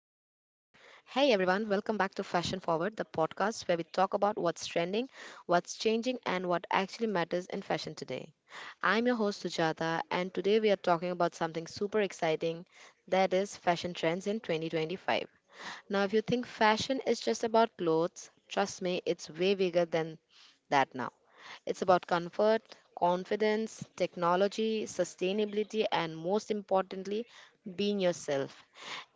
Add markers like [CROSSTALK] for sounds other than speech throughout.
everyone, welcome back to Fashion Forward, the podcast where we talk about what's trending, what's changing, and what actually matters in fashion today. I'm your host Sujata, and today we are talking about something super exciting, that is fashion trends in 2025. Now, if you think fashion is just about clothes, trust me, it's way bigger than that now. It's about comfort, confidence, technology, sustainability, and most importantly, being yourself.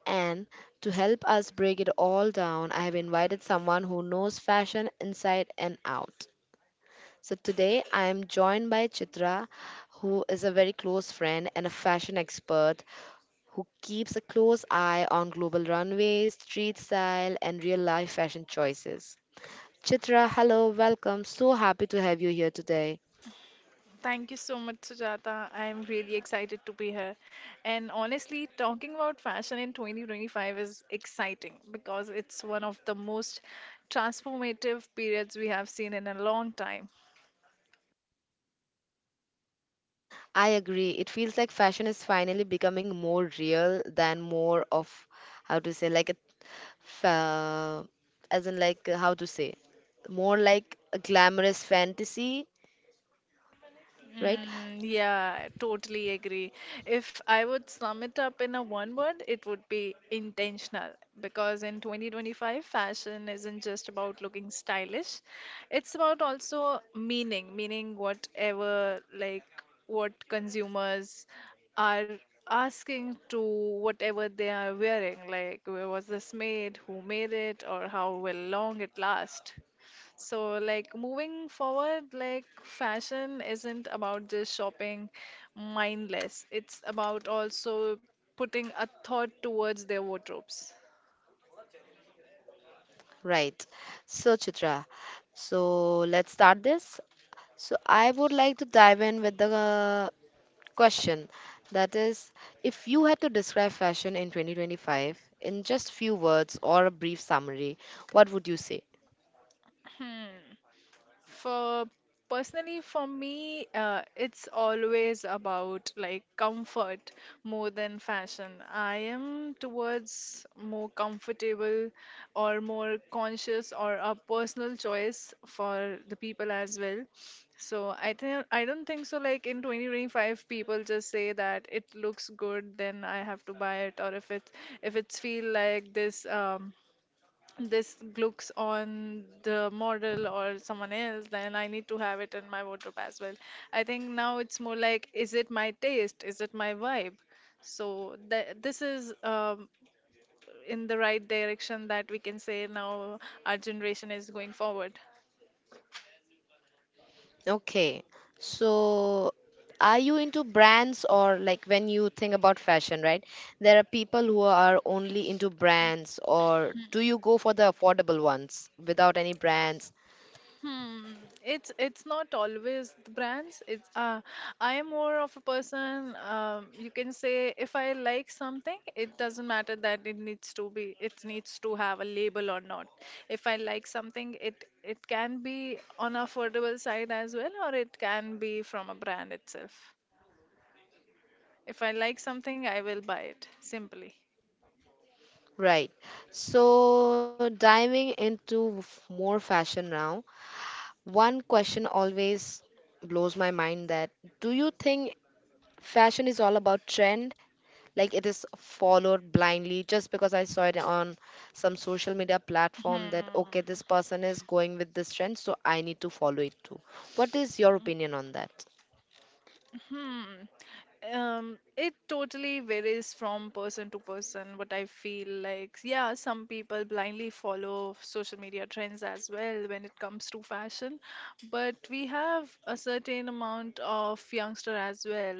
And to help us break it all down, I have invited someone who knows fashion inside and out. So today I am joined by Chitra, who is a very close friend and a fashion expert who keeps a close eye on global runways, street style, and real life fashion choices. Chitra, hello, welcome. So happy to have you here today. Thank you so much, Sujata. I am really excited to be here. And honestly, talking about fashion in 2025 is exciting because it's one of the most transformative periods we have seen in a long time. I agree. It feels like fashion is finally becoming more real than more of how to say like a fa- as in like how to say more like a glamorous fantasy, right? Mm, yeah, I totally agree. If I would sum it up in a one word, it would be intentional. Because in 2025, fashion isn't just about looking stylish, it's about also meaning whatever, like what consumers are asking to whatever they are wearing, like where was this made, who made it, or how will long it last. So, like, moving forward, like, fashion isn't about just shopping mindless. It's about also putting a thought towards their wardrobes. Right. So Chitra, so let's start this. So I would like to dive in with the question that is, if you had to describe fashion in 2025 in just few words or a brief summary, what would you say? For personally, for me, it's always about like comfort more than fashion. I am towards more comfortable or more conscious or a personal choice for the people as well. So I don't think so. Like in 2025, people just say that it looks good, then I have to buy it, or if it's feel like this. This looks on the model or someone else, then I need to have it in my wardrobe as well. I think now it's more like, is it my taste? Is it my vibe? So th this is in the right direction that we can say now our generation is going forward. Okay. So, are you into brands, or like when you think about fashion, right? There are people who are only into brands, or do you go for the affordable ones without any brands? Hmm. It's not always the brands. It's I am more of a person. You can say if I like something, it doesn't matter that it needs to be. It needs to have a label or not. If I like something, it can be on affordable side as well, or it can be from a brand itself. If I like something, I will buy it simply. Right. So, diving into more fashion now, one question always blows my mind, that do you think fashion is all about trend? Like it is followed blindly just because I saw it on some social media platform, that okay, Hmm. this person is going with this trend, so I need to follow it too. What is your opinion on that? Hmm. It totally varies from person to person, what I feel like. Yeah, some people blindly follow social media trends as well when it comes to fashion, but we have a certain amount of youngster as well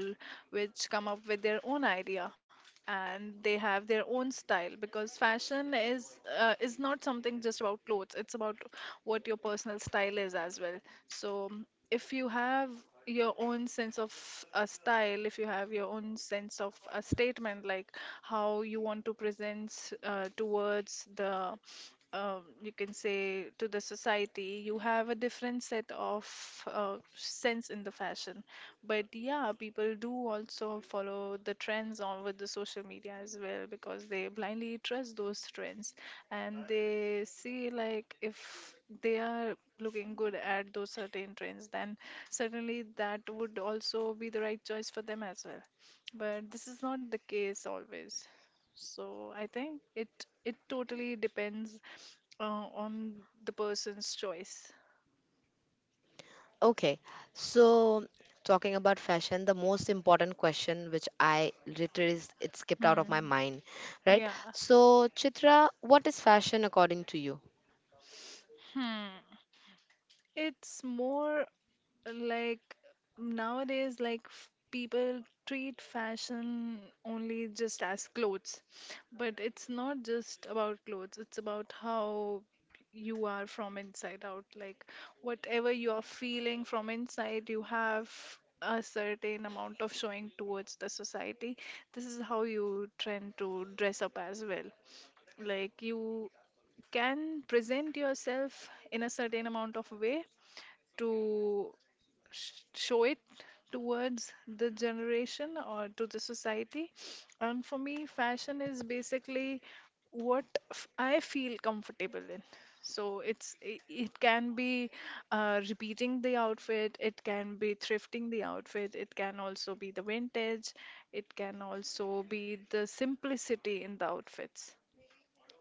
which come up with their own idea and they have their own style because fashion is not something just about clothes, it's about what your personal style is as well. So mm, if you have your own sense of a style, if you have your own sense of a statement, like how you want to present towards the you can say to the society, you have a different set of sense in the fashion. But yeah, people do also follow the trends on with the social media as well because they blindly trust those trends, and they see like if they are looking good at those certain trends, then certainly that would also be the right choice for them as well. But this is not the case always. So I think it totally depends on the person's choice. Okay, so talking about fashion, the most important question, which I literally it skipped out of my Hmm. mind, right? Yeah. So Chitra, what is fashion according to you? Hmm. It's more. Like nowadays, like people treat fashion only just as clothes, but it's not just about clothes, it's about how you are from inside out. Like whatever you are feeling from inside, you have a certain amount of showing towards the society. This is how you trend to dress up as well. Like you can present yourself in a certain amount of way to show it towards the generation or to the society. And for me, fashion is basically what I feel comfortable in. So it can be repeating the outfit, it can be thrifting the outfit, it can also be the vintage, it can also be the simplicity in the outfits.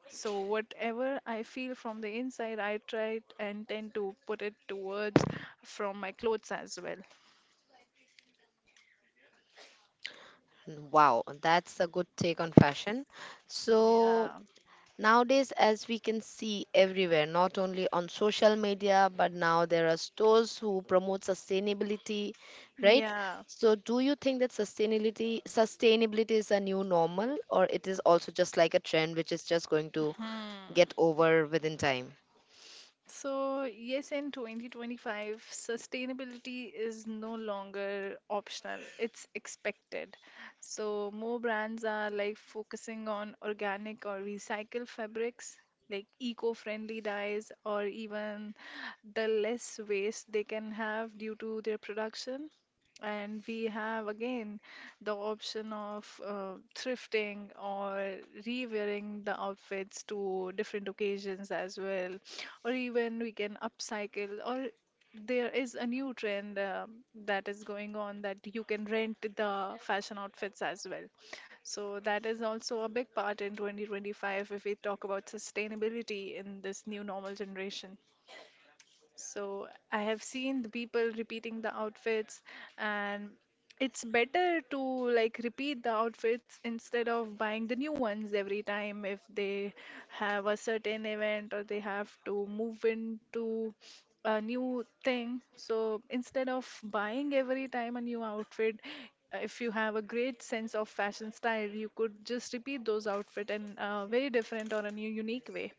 So whatever I feel from the inside, I try and tend to put it towards from my clothes as well. Wow, that's a good take on fashion. So Yeah, nowadays, as we can see everywhere, not only on social media, but now there are stores who promote sustainability, right? yeah. So, do you think that sustainability is a new normal, or it is also just like a trend which is just going to Hmm. get over within time? So, yes, in 2025, sustainability is no longer optional, it's expected. So, more brands are like focusing on organic or recycled fabrics, like eco-friendly dyes, or even the less waste they can have due to their production. And we have again the option of thrifting or rewearing the outfits to different occasions as well. Or even we can upcycle, or there is a new trend that is going on that you can rent the fashion outfits as well. So that is also a big part in 2025 if we talk about sustainability in this new normal generation. So I have seen the people repeating the outfits, and it's better to like repeat the outfits instead of buying the new ones every time if they have a certain event or they have to move into a new thing. So instead of buying every time a new outfit, if you have a great sense of fashion style, you could just repeat those outfit in a very different or a new unique way.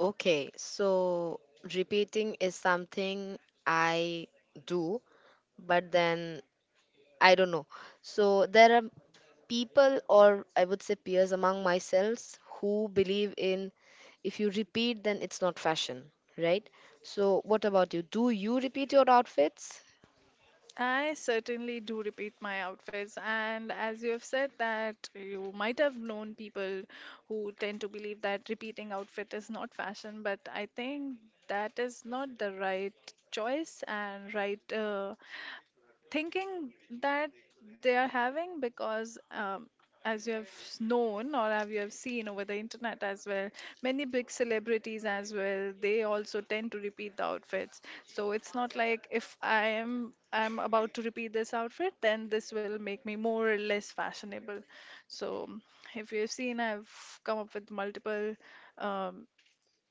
Okay, so repeating is something I do, but then I don't know. So there are people, or I would say peers among myself, who believe in, if you repeat, then it's not fashion, right? So, what about you? Do you repeat your outfits? I certainly do repeat my outfits, and as you have said that you might have known people who tend to believe that repeating outfit is not fashion, but I think that is not the right choice and right thinking that they are having, because as you have known or have you have seen over the internet as well, many big celebrities as well, they also tend to repeat the outfits. So it's not like if I'm about to repeat this outfit, then this will make me more or less fashionable. So if you've seen, I've come up with multiple um,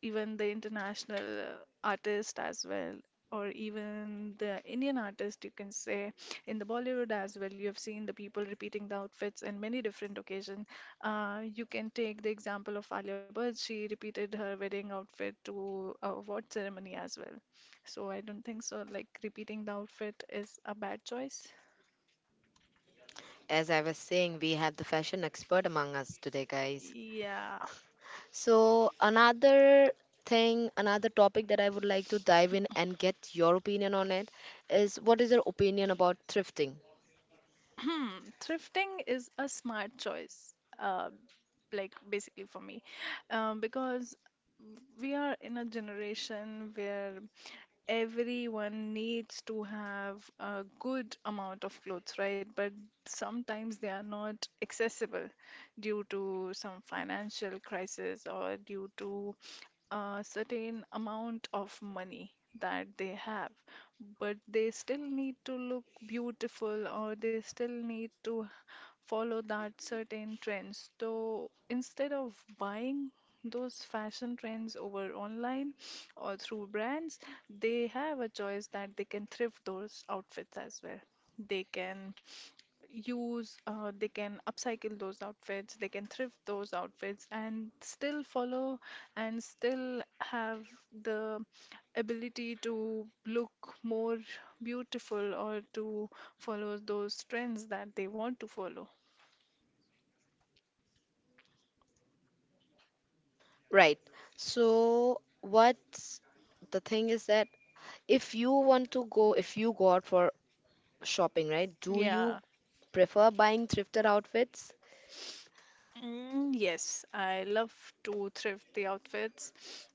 even the international artist as well, or even the Indian artist, you can say, in the Bollywood as well, you have seen the people repeating the outfits in many different occasions. You can take the example of Alia Bhatt. She repeated her wedding outfit to a award ceremony as well. So I don't think so like repeating the outfit is a bad choice. As I was saying, we have the fashion expert among us today, guys. Yeah. So, another thing, another topic that I would like to dive in and get your opinion on it is, what is your opinion about thrifting? Hmm. Thrifting is a smart choice, uh, like basically for me, because we are in a generation where everyone needs to have a good amount of clothes, right? But sometimes they are not accessible due to some financial crisis or due to a certain amount of money that they have, but they still need to look beautiful or they still need to follow that certain trends. So instead of buying those fashion trends over online or through brands, they have a choice that they can thrift those outfits as well. They can use, they can upcycle those outfits, they can thrift those outfits, and still follow and still have the ability to look more beautiful or to follow those trends that they want to follow. Right. So what's the thing is that, if you want to go, if you go out for shopping, right, do Yeah. you prefer buying thrifted outfits? Mm, yes, I love to thrift the outfits.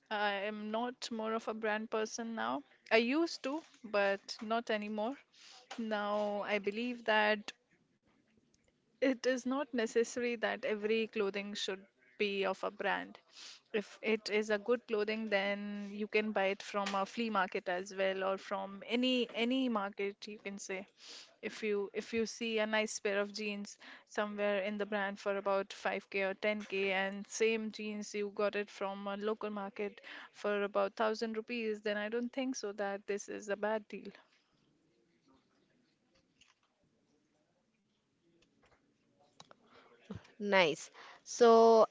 I am not more of a brand person now. I used to, but not anymore. Now I believe that it is not necessary that every clothing should be of a brand. If it is a good clothing, then you can buy it from a flea market as well, or from any market you can say. If you, if you see a nice pair of jeans somewhere in the brand for about 5k or 10k, and same jeans you got it from a local market for about 1,000 rupees, then I don't think so that this is a bad deal. Nice. So,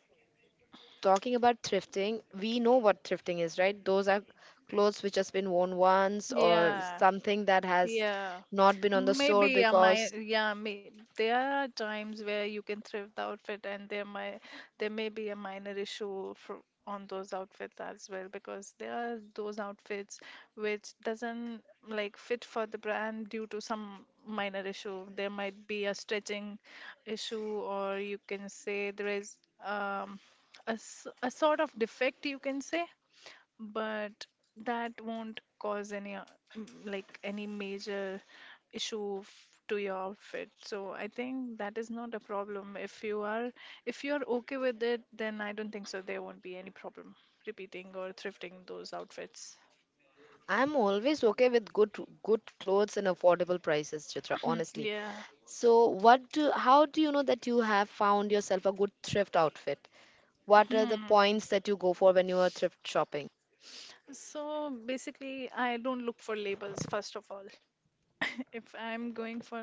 talking about thrifting, we know what thrifting is, right? Those are clothes which has been worn once or Yeah. something that has Yeah, not been on the store maybe I might. because... Yeah, may, there are times where you can thrift the outfit, and there may be a minor issue for on those outfits as well, because there are those outfits which doesn't like fit for the brand due to some minor issue. There might be a stretching issue, or you can say there is um, a, a sort of defect, you can say, but that won't cause any like any major issue to your outfit. So I think that is not a problem. If you are, if you are okay with it, then I don't think so there won't be any problem repeating or thrifting those outfits. I'm always okay with good good clothes and affordable prices, Chitra, honestly. Yeah. So, what do, how do you know that you have found yourself a good thrift outfit? What are the Hmm. points that you go for when you are thrift shopping? So basically, I don't look for labels first of all. [LAUGHS] If I'm going for,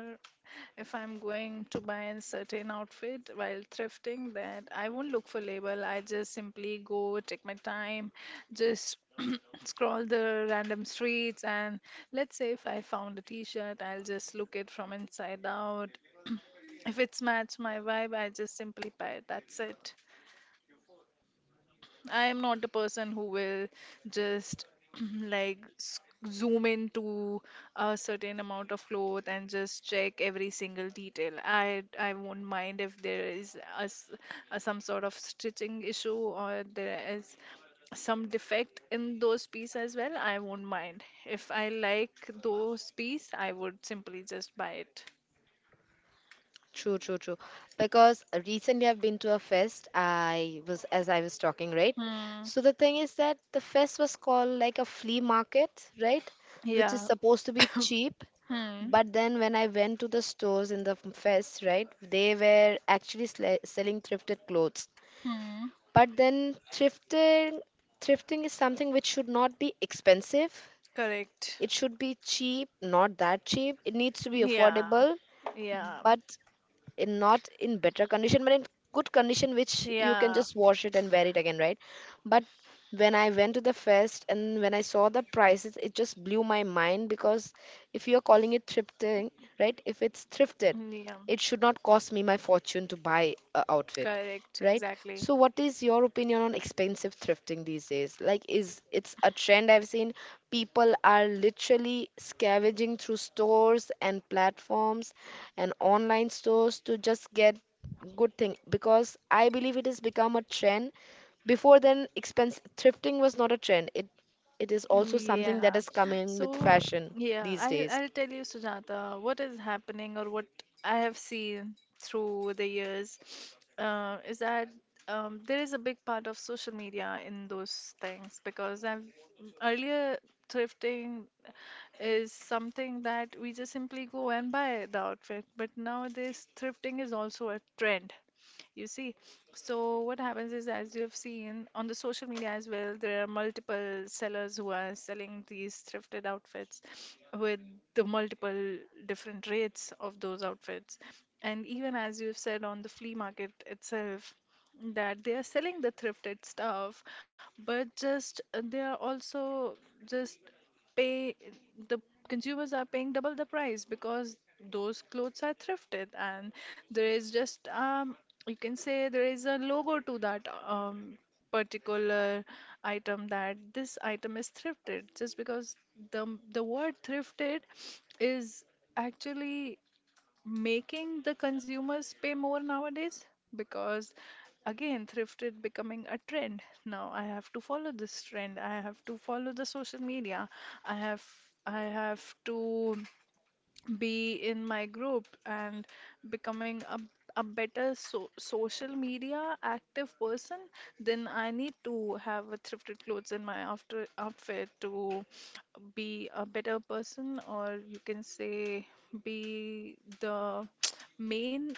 if I'm going to buy a certain outfit while thrifting, that I won't look for label. I just simply go, take my time, just [CLEARS THROAT] scroll the random streets, and let's say if I found a t-shirt, I'll just look it from inside out. If it's match my vibe, I just simply buy it. That's it. I am not a person who will just [CLEARS THROAT] like zoom into a certain amount of cloth and just check every single detail. I won't mind if there is a, a some sort of stitching issue or there is some defect in those pieces as well. I won't mind. If I like those piece, I would simply just buy it. True, true, true. Because recently I've been to a fest. I was, as I was talking, right? Hmm. So the thing is that the fest was called like a flea market, right? Which is Yeah. supposed to be [COUGHS] cheap. Hmm. But then when I went to the stores in the fest, right, they were actually selling thrifted clothes. Hmm. But then thrifting is something which should not be expensive. Correct. It should be cheap, not that cheap. It needs to be Yeah. affordable, but Yeah. in not in better condition, but in good condition, which you can just Yeah, wash it and wear it again, right? But when I went to the fest and when I saw the prices, it just blew my mind, because if you're calling it thrifting, right, if it's thrifted, yeah, it should not cost me my fortune to buy a outfit, correct, right? exactly. So what is your opinion on expensive thrifting these days? Like, is it's a trend I've seen. People are literally scavenging through stores and platforms and online stores to just get good thing, because I believe it has become a trend. Before then, expense thrifting was not a trend. It is also something that Yeah. is coming with So, fashion yeah, these I'll days. I'll tell you, Sujata, what is happening or what I have seen through the years, is that there is a big part of social media in those things because I've earlier thrifting is something that we just simply go and buy the outfit, but nowadays thrifting is also a trend. You see, so what happens is, as you have seen on the social media as well, there are multiple sellers who are selling these thrifted outfits with the multiple different rates of those outfits. And even as you've said on the flea market itself, that they are selling the thrifted stuff, but just they are also just pay the consumers are paying double the price because those clothes are thrifted and there is just you can say there is a logo to that particular item that this item is thrifted just because the the word thrifted is actually making the consumers pay more nowadays because again thrift is becoming a trend. Now I have to follow this trend, I have to follow the social media, i have I have to be in my group, and becoming a better social media active person, then I need to have a thrifted clothes in my after outfit to be a better person, or you can say be the [TSK] main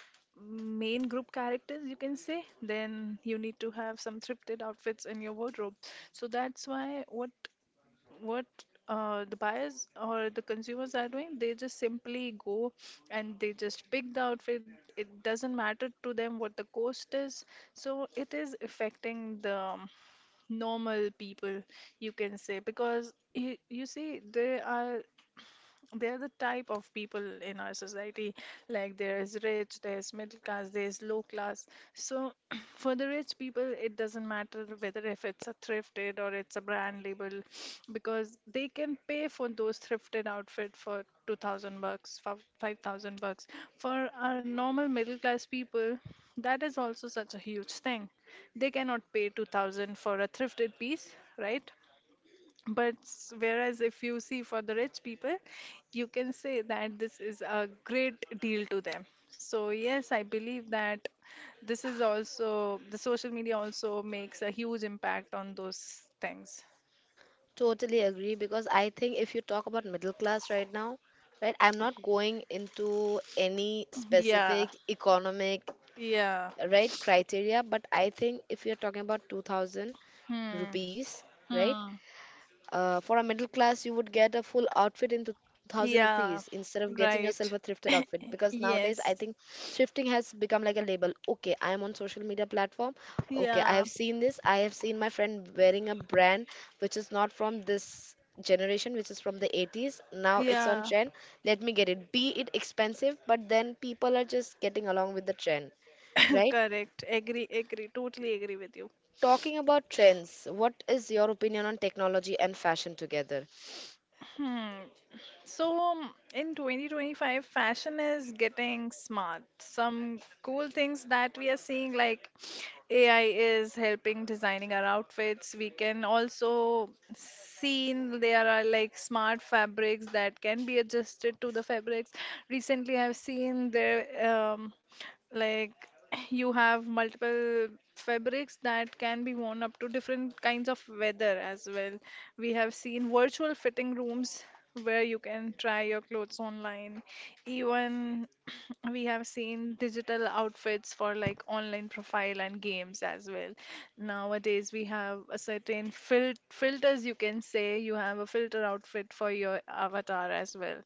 main group characters, you can say, then you need to have some thrifted outfits in your wardrobe. So that's why what the buyers or the consumers are doing, they just simply go and they just pick the outfit, it doesn't matter to them what the cost is. So it is affecting the normal people, you can say, because you see they are the type of people in our society, like there is rich, there is middle class, there is low class. So, [CLEARS THROAT] for the rich people, it doesn't matter whether if it's a thrifted or it's a brand label, because they can pay for those thrifted outfit for 2000 bucks, 5000 bucks. For our normal middle class people, that is also such a huge thing. They cannot pay 2000 for a thrifted piece, right? But whereas if you see for the rich people, you can say that this is a great deal to them. So yes, I believe that this is also the social media also makes a huge impact on those things. Totally agree, because I think if you talk about middle class right now, right, I'm not going into any Yeah, specific economic yeah. right criteria, but I think if you're talking about 2,000 Hmm. rupees, right, Hmm. For a middle class you would get a full outfit in 2,000 rupees Yeah. instead of getting yourself a Right. thrifted [LAUGHS] outfit, because [COUGHS] nowadays I Yes. think thrifting has become like a label. Okay, I am on social media platform, okay, I Yeah. have seen this, I have seen my friend wearing a brand which is not from this generation, which is from the 80s, now it's on Yeah. trend, let me get it, be it expensive, but then people are just getting along with the trend, [COUGHS] right? Correct. Agree. Agree. Totally agree with you. Talking about trends, what is your opinion on technology and fashion together? Hmm. So, in 2025, fashion is getting smart. Some cool things that we are seeing, like AI is helping designing our outfits. We can also see there are like smart fabrics that can be adjusted to the fabrics. Recently, I've seen there like you have multiple fabrics that can be worn up to different kinds of weather as well. We have seen virtual fitting rooms where you can try your clothes online. Even we have seen digital outfits for like online profile and games as well. Nowadays, we have a certain filters, you can say, you have a filter outfit for your avatar as well.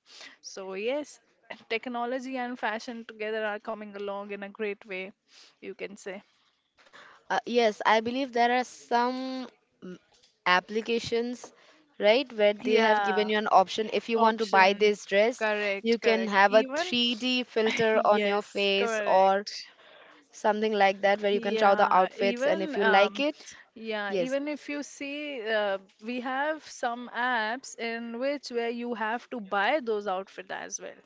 So, yes, technology and fashion together are coming along in a great way, you can say. Yes, I believe there are some applications, right, where they have Yeah, given you an option. If you want to buy option. this dress, you Correct, can correct. have a Even, 3D [LAUGHS] filter on your yes, face or correct. something like that, where you can try the Yeah, outfits. And if you even like um, it, yeah, yes, even if you see, we have some apps in which where you have to buy those outfit as well.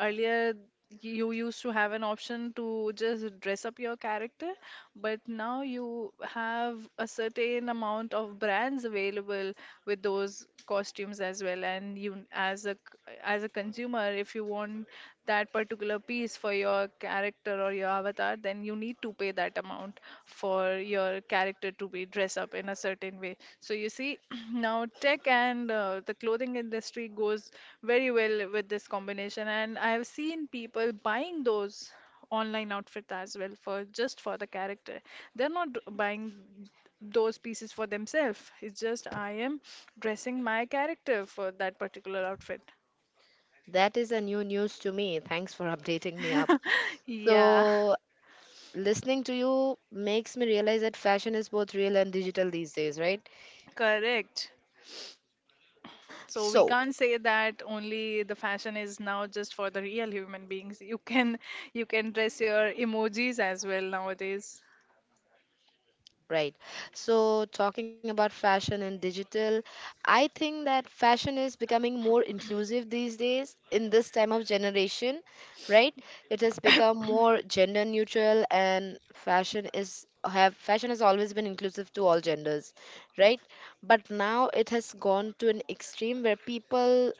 Earlier, you used to have an option to just dress up your character, but now you have a certain amount of brands available with those costumes as well. And you, as a as a consumer, if you want that particular a piece for your character or your avatar, then you need to pay that amount for your character to be dressed up in a certain way. So you see, [CLEARS THROAT] now tech and the clothing industry goes very well with this combination, and I have seen people buying those online outfit as well for just for the character. They're not d- buying those pieces for themselves. It's just I am dressing my character for that particular outfit. that is a new news to me. Thanks for updating me up. Yeah, So, listening to you makes me realize that fashion is both real and digital these days, right? [LAUGHS] correct. So we So, can't say that only the fashion is now just for the real human beings. You can dress your emojis as well nowadays. right. So, talking about fashion and digital, I think that fashion is becoming more inclusive these days in this time of generation, right? It has become more gender neutral, and fashion is, have fashion has always been inclusive to all genders, right? But now it has gone to an extreme where people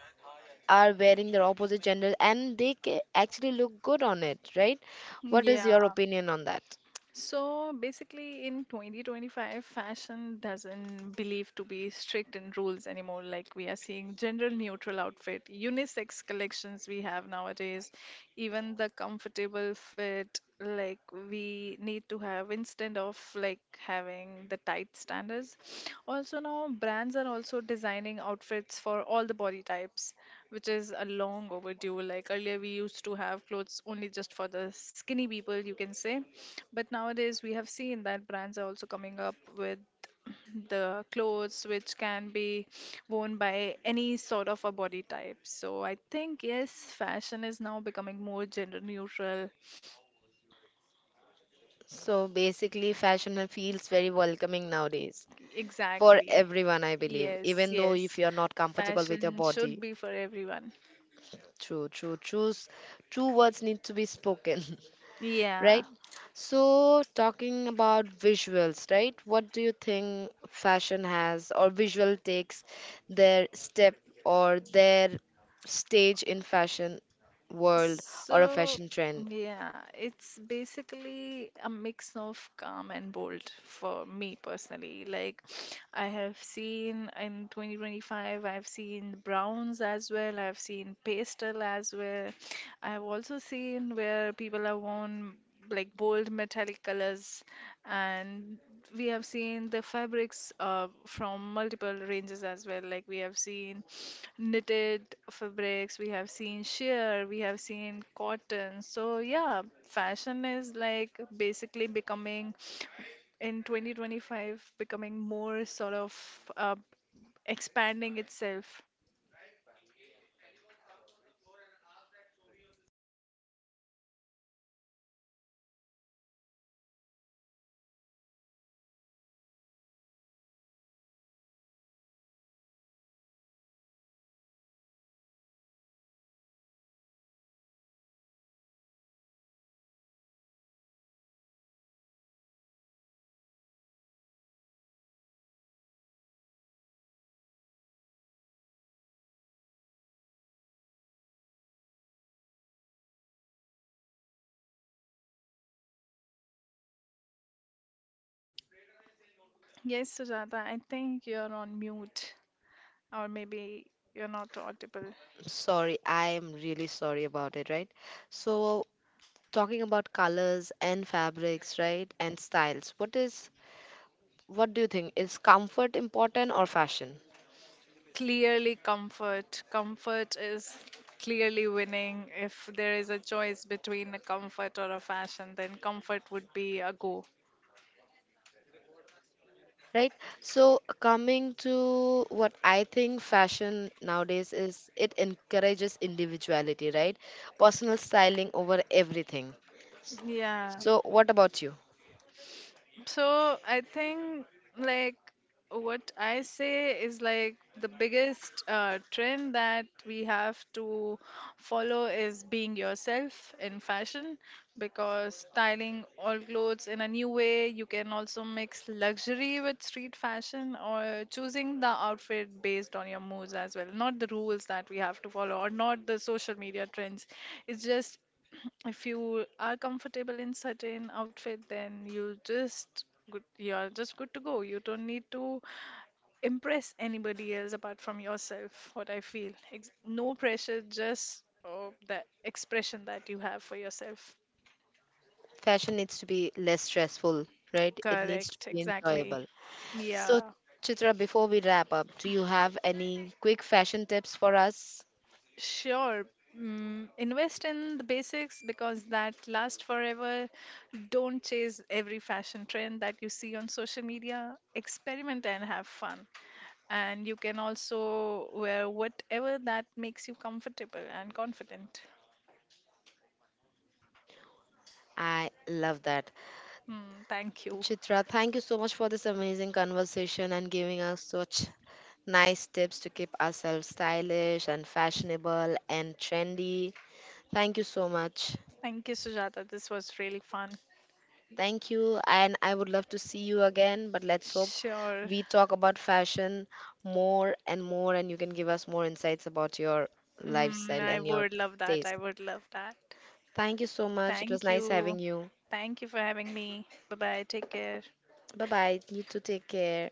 are wearing their opposite gender and they actually look good on it, right? What is Yeah. your opinion on that? So basically, in 2025, fashion doesn't believe to be strict in rules anymore. Like we are seeing general neutral outfit, unisex collections we have nowadays, even the comfortable fit, like we need to have instead of like having the tight standards. Also now brands are also designing outfits for all the body types, which is a long overdue. Like earlier we used to have clothes only just for the skinny people, you can say. But nowadays, we have seen that brands are also coming up with the clothes which can be worn by any sort of a body type. So I think, yes, fashion is now becoming more gender neutral. So basically, fashion feels very welcoming nowadays for Exactly. everyone, I believe, Yes, even though if yes. you're not comfortable with your Fashion should body. be for everyone. True, true, true. True words need to be spoken, [LAUGHS] Yeah. right? So, talking about visuals, right? What do you think fashion has, or visual takes their step or their stage in fashion world or a So, fashion trend? yeah, it's basically a mix of calm and bold for me personally. Like, I have seen in 2025, I've seen browns as well, I've seen pastel as well. I've also seen where people have worn like bold metallic colors and we have seen the fabrics from multiple ranges as well. Like we have seen knitted fabrics, we have seen sheer, we have seen cotton. So yeah, fashion is like basically becoming in 2025 becoming more sort of uh, expanding itself. Yes, Sujata, I think you're on mute, or maybe you're not audible. Sorry, I am really sorry about it, right? So, talking about colors and fabrics, right? And styles. What is, what do you think? Is comfort important or fashion? Clearly, comfort. Comfort is clearly winning. If there is a choice between a comfort or a fashion, then comfort would be a go. Right? So coming to what I think fashion nowadays is, it encourages individuality, right? Personal styling over everything. Yeah. So what about you? So I think like what I say is like the biggest trend that we have to follow is being yourself in fashion because styling all clothes in a new way, you can also mix luxury with street fashion or choosing the outfit based on your moods as well, not the rules that we have to follow or not the social media trends. It's just if you are comfortable in certain outfit then you just good, you are just good to go, you don't need to impress anybody else apart from yourself, what I feel. No pressure, just oh, the expression that you have for yourself. Fashion needs to be less stressful, right? It needs to Correct, be exactly. enjoyable. So Yeah. Chitra, before we wrap up, do you have any quick fashion tips for us? Sure. Mm, invest in the basics because that lasts forever. Don't chase every fashion trend that you see on social media. Experiment and have fun. And you can also wear whatever that makes you comfortable and confident. I love that. Hmm, thank you. Chitra, thank you so much for this amazing conversation and giving us such nice tips to keep ourselves stylish and fashionable and trendy. Thank you so much. Thank you, Sujata. This was really fun. Thank you, and I would love to see you again. But let's hope Sure. we talk about fashion more and more, and you can give us more insights about your Mm, lifestyle I and your would love that. I taste. would love that. Thank you so much. It was Thank nice you. having you. Thank you for having me. Bye bye. Take care. Bye bye. You too, take care.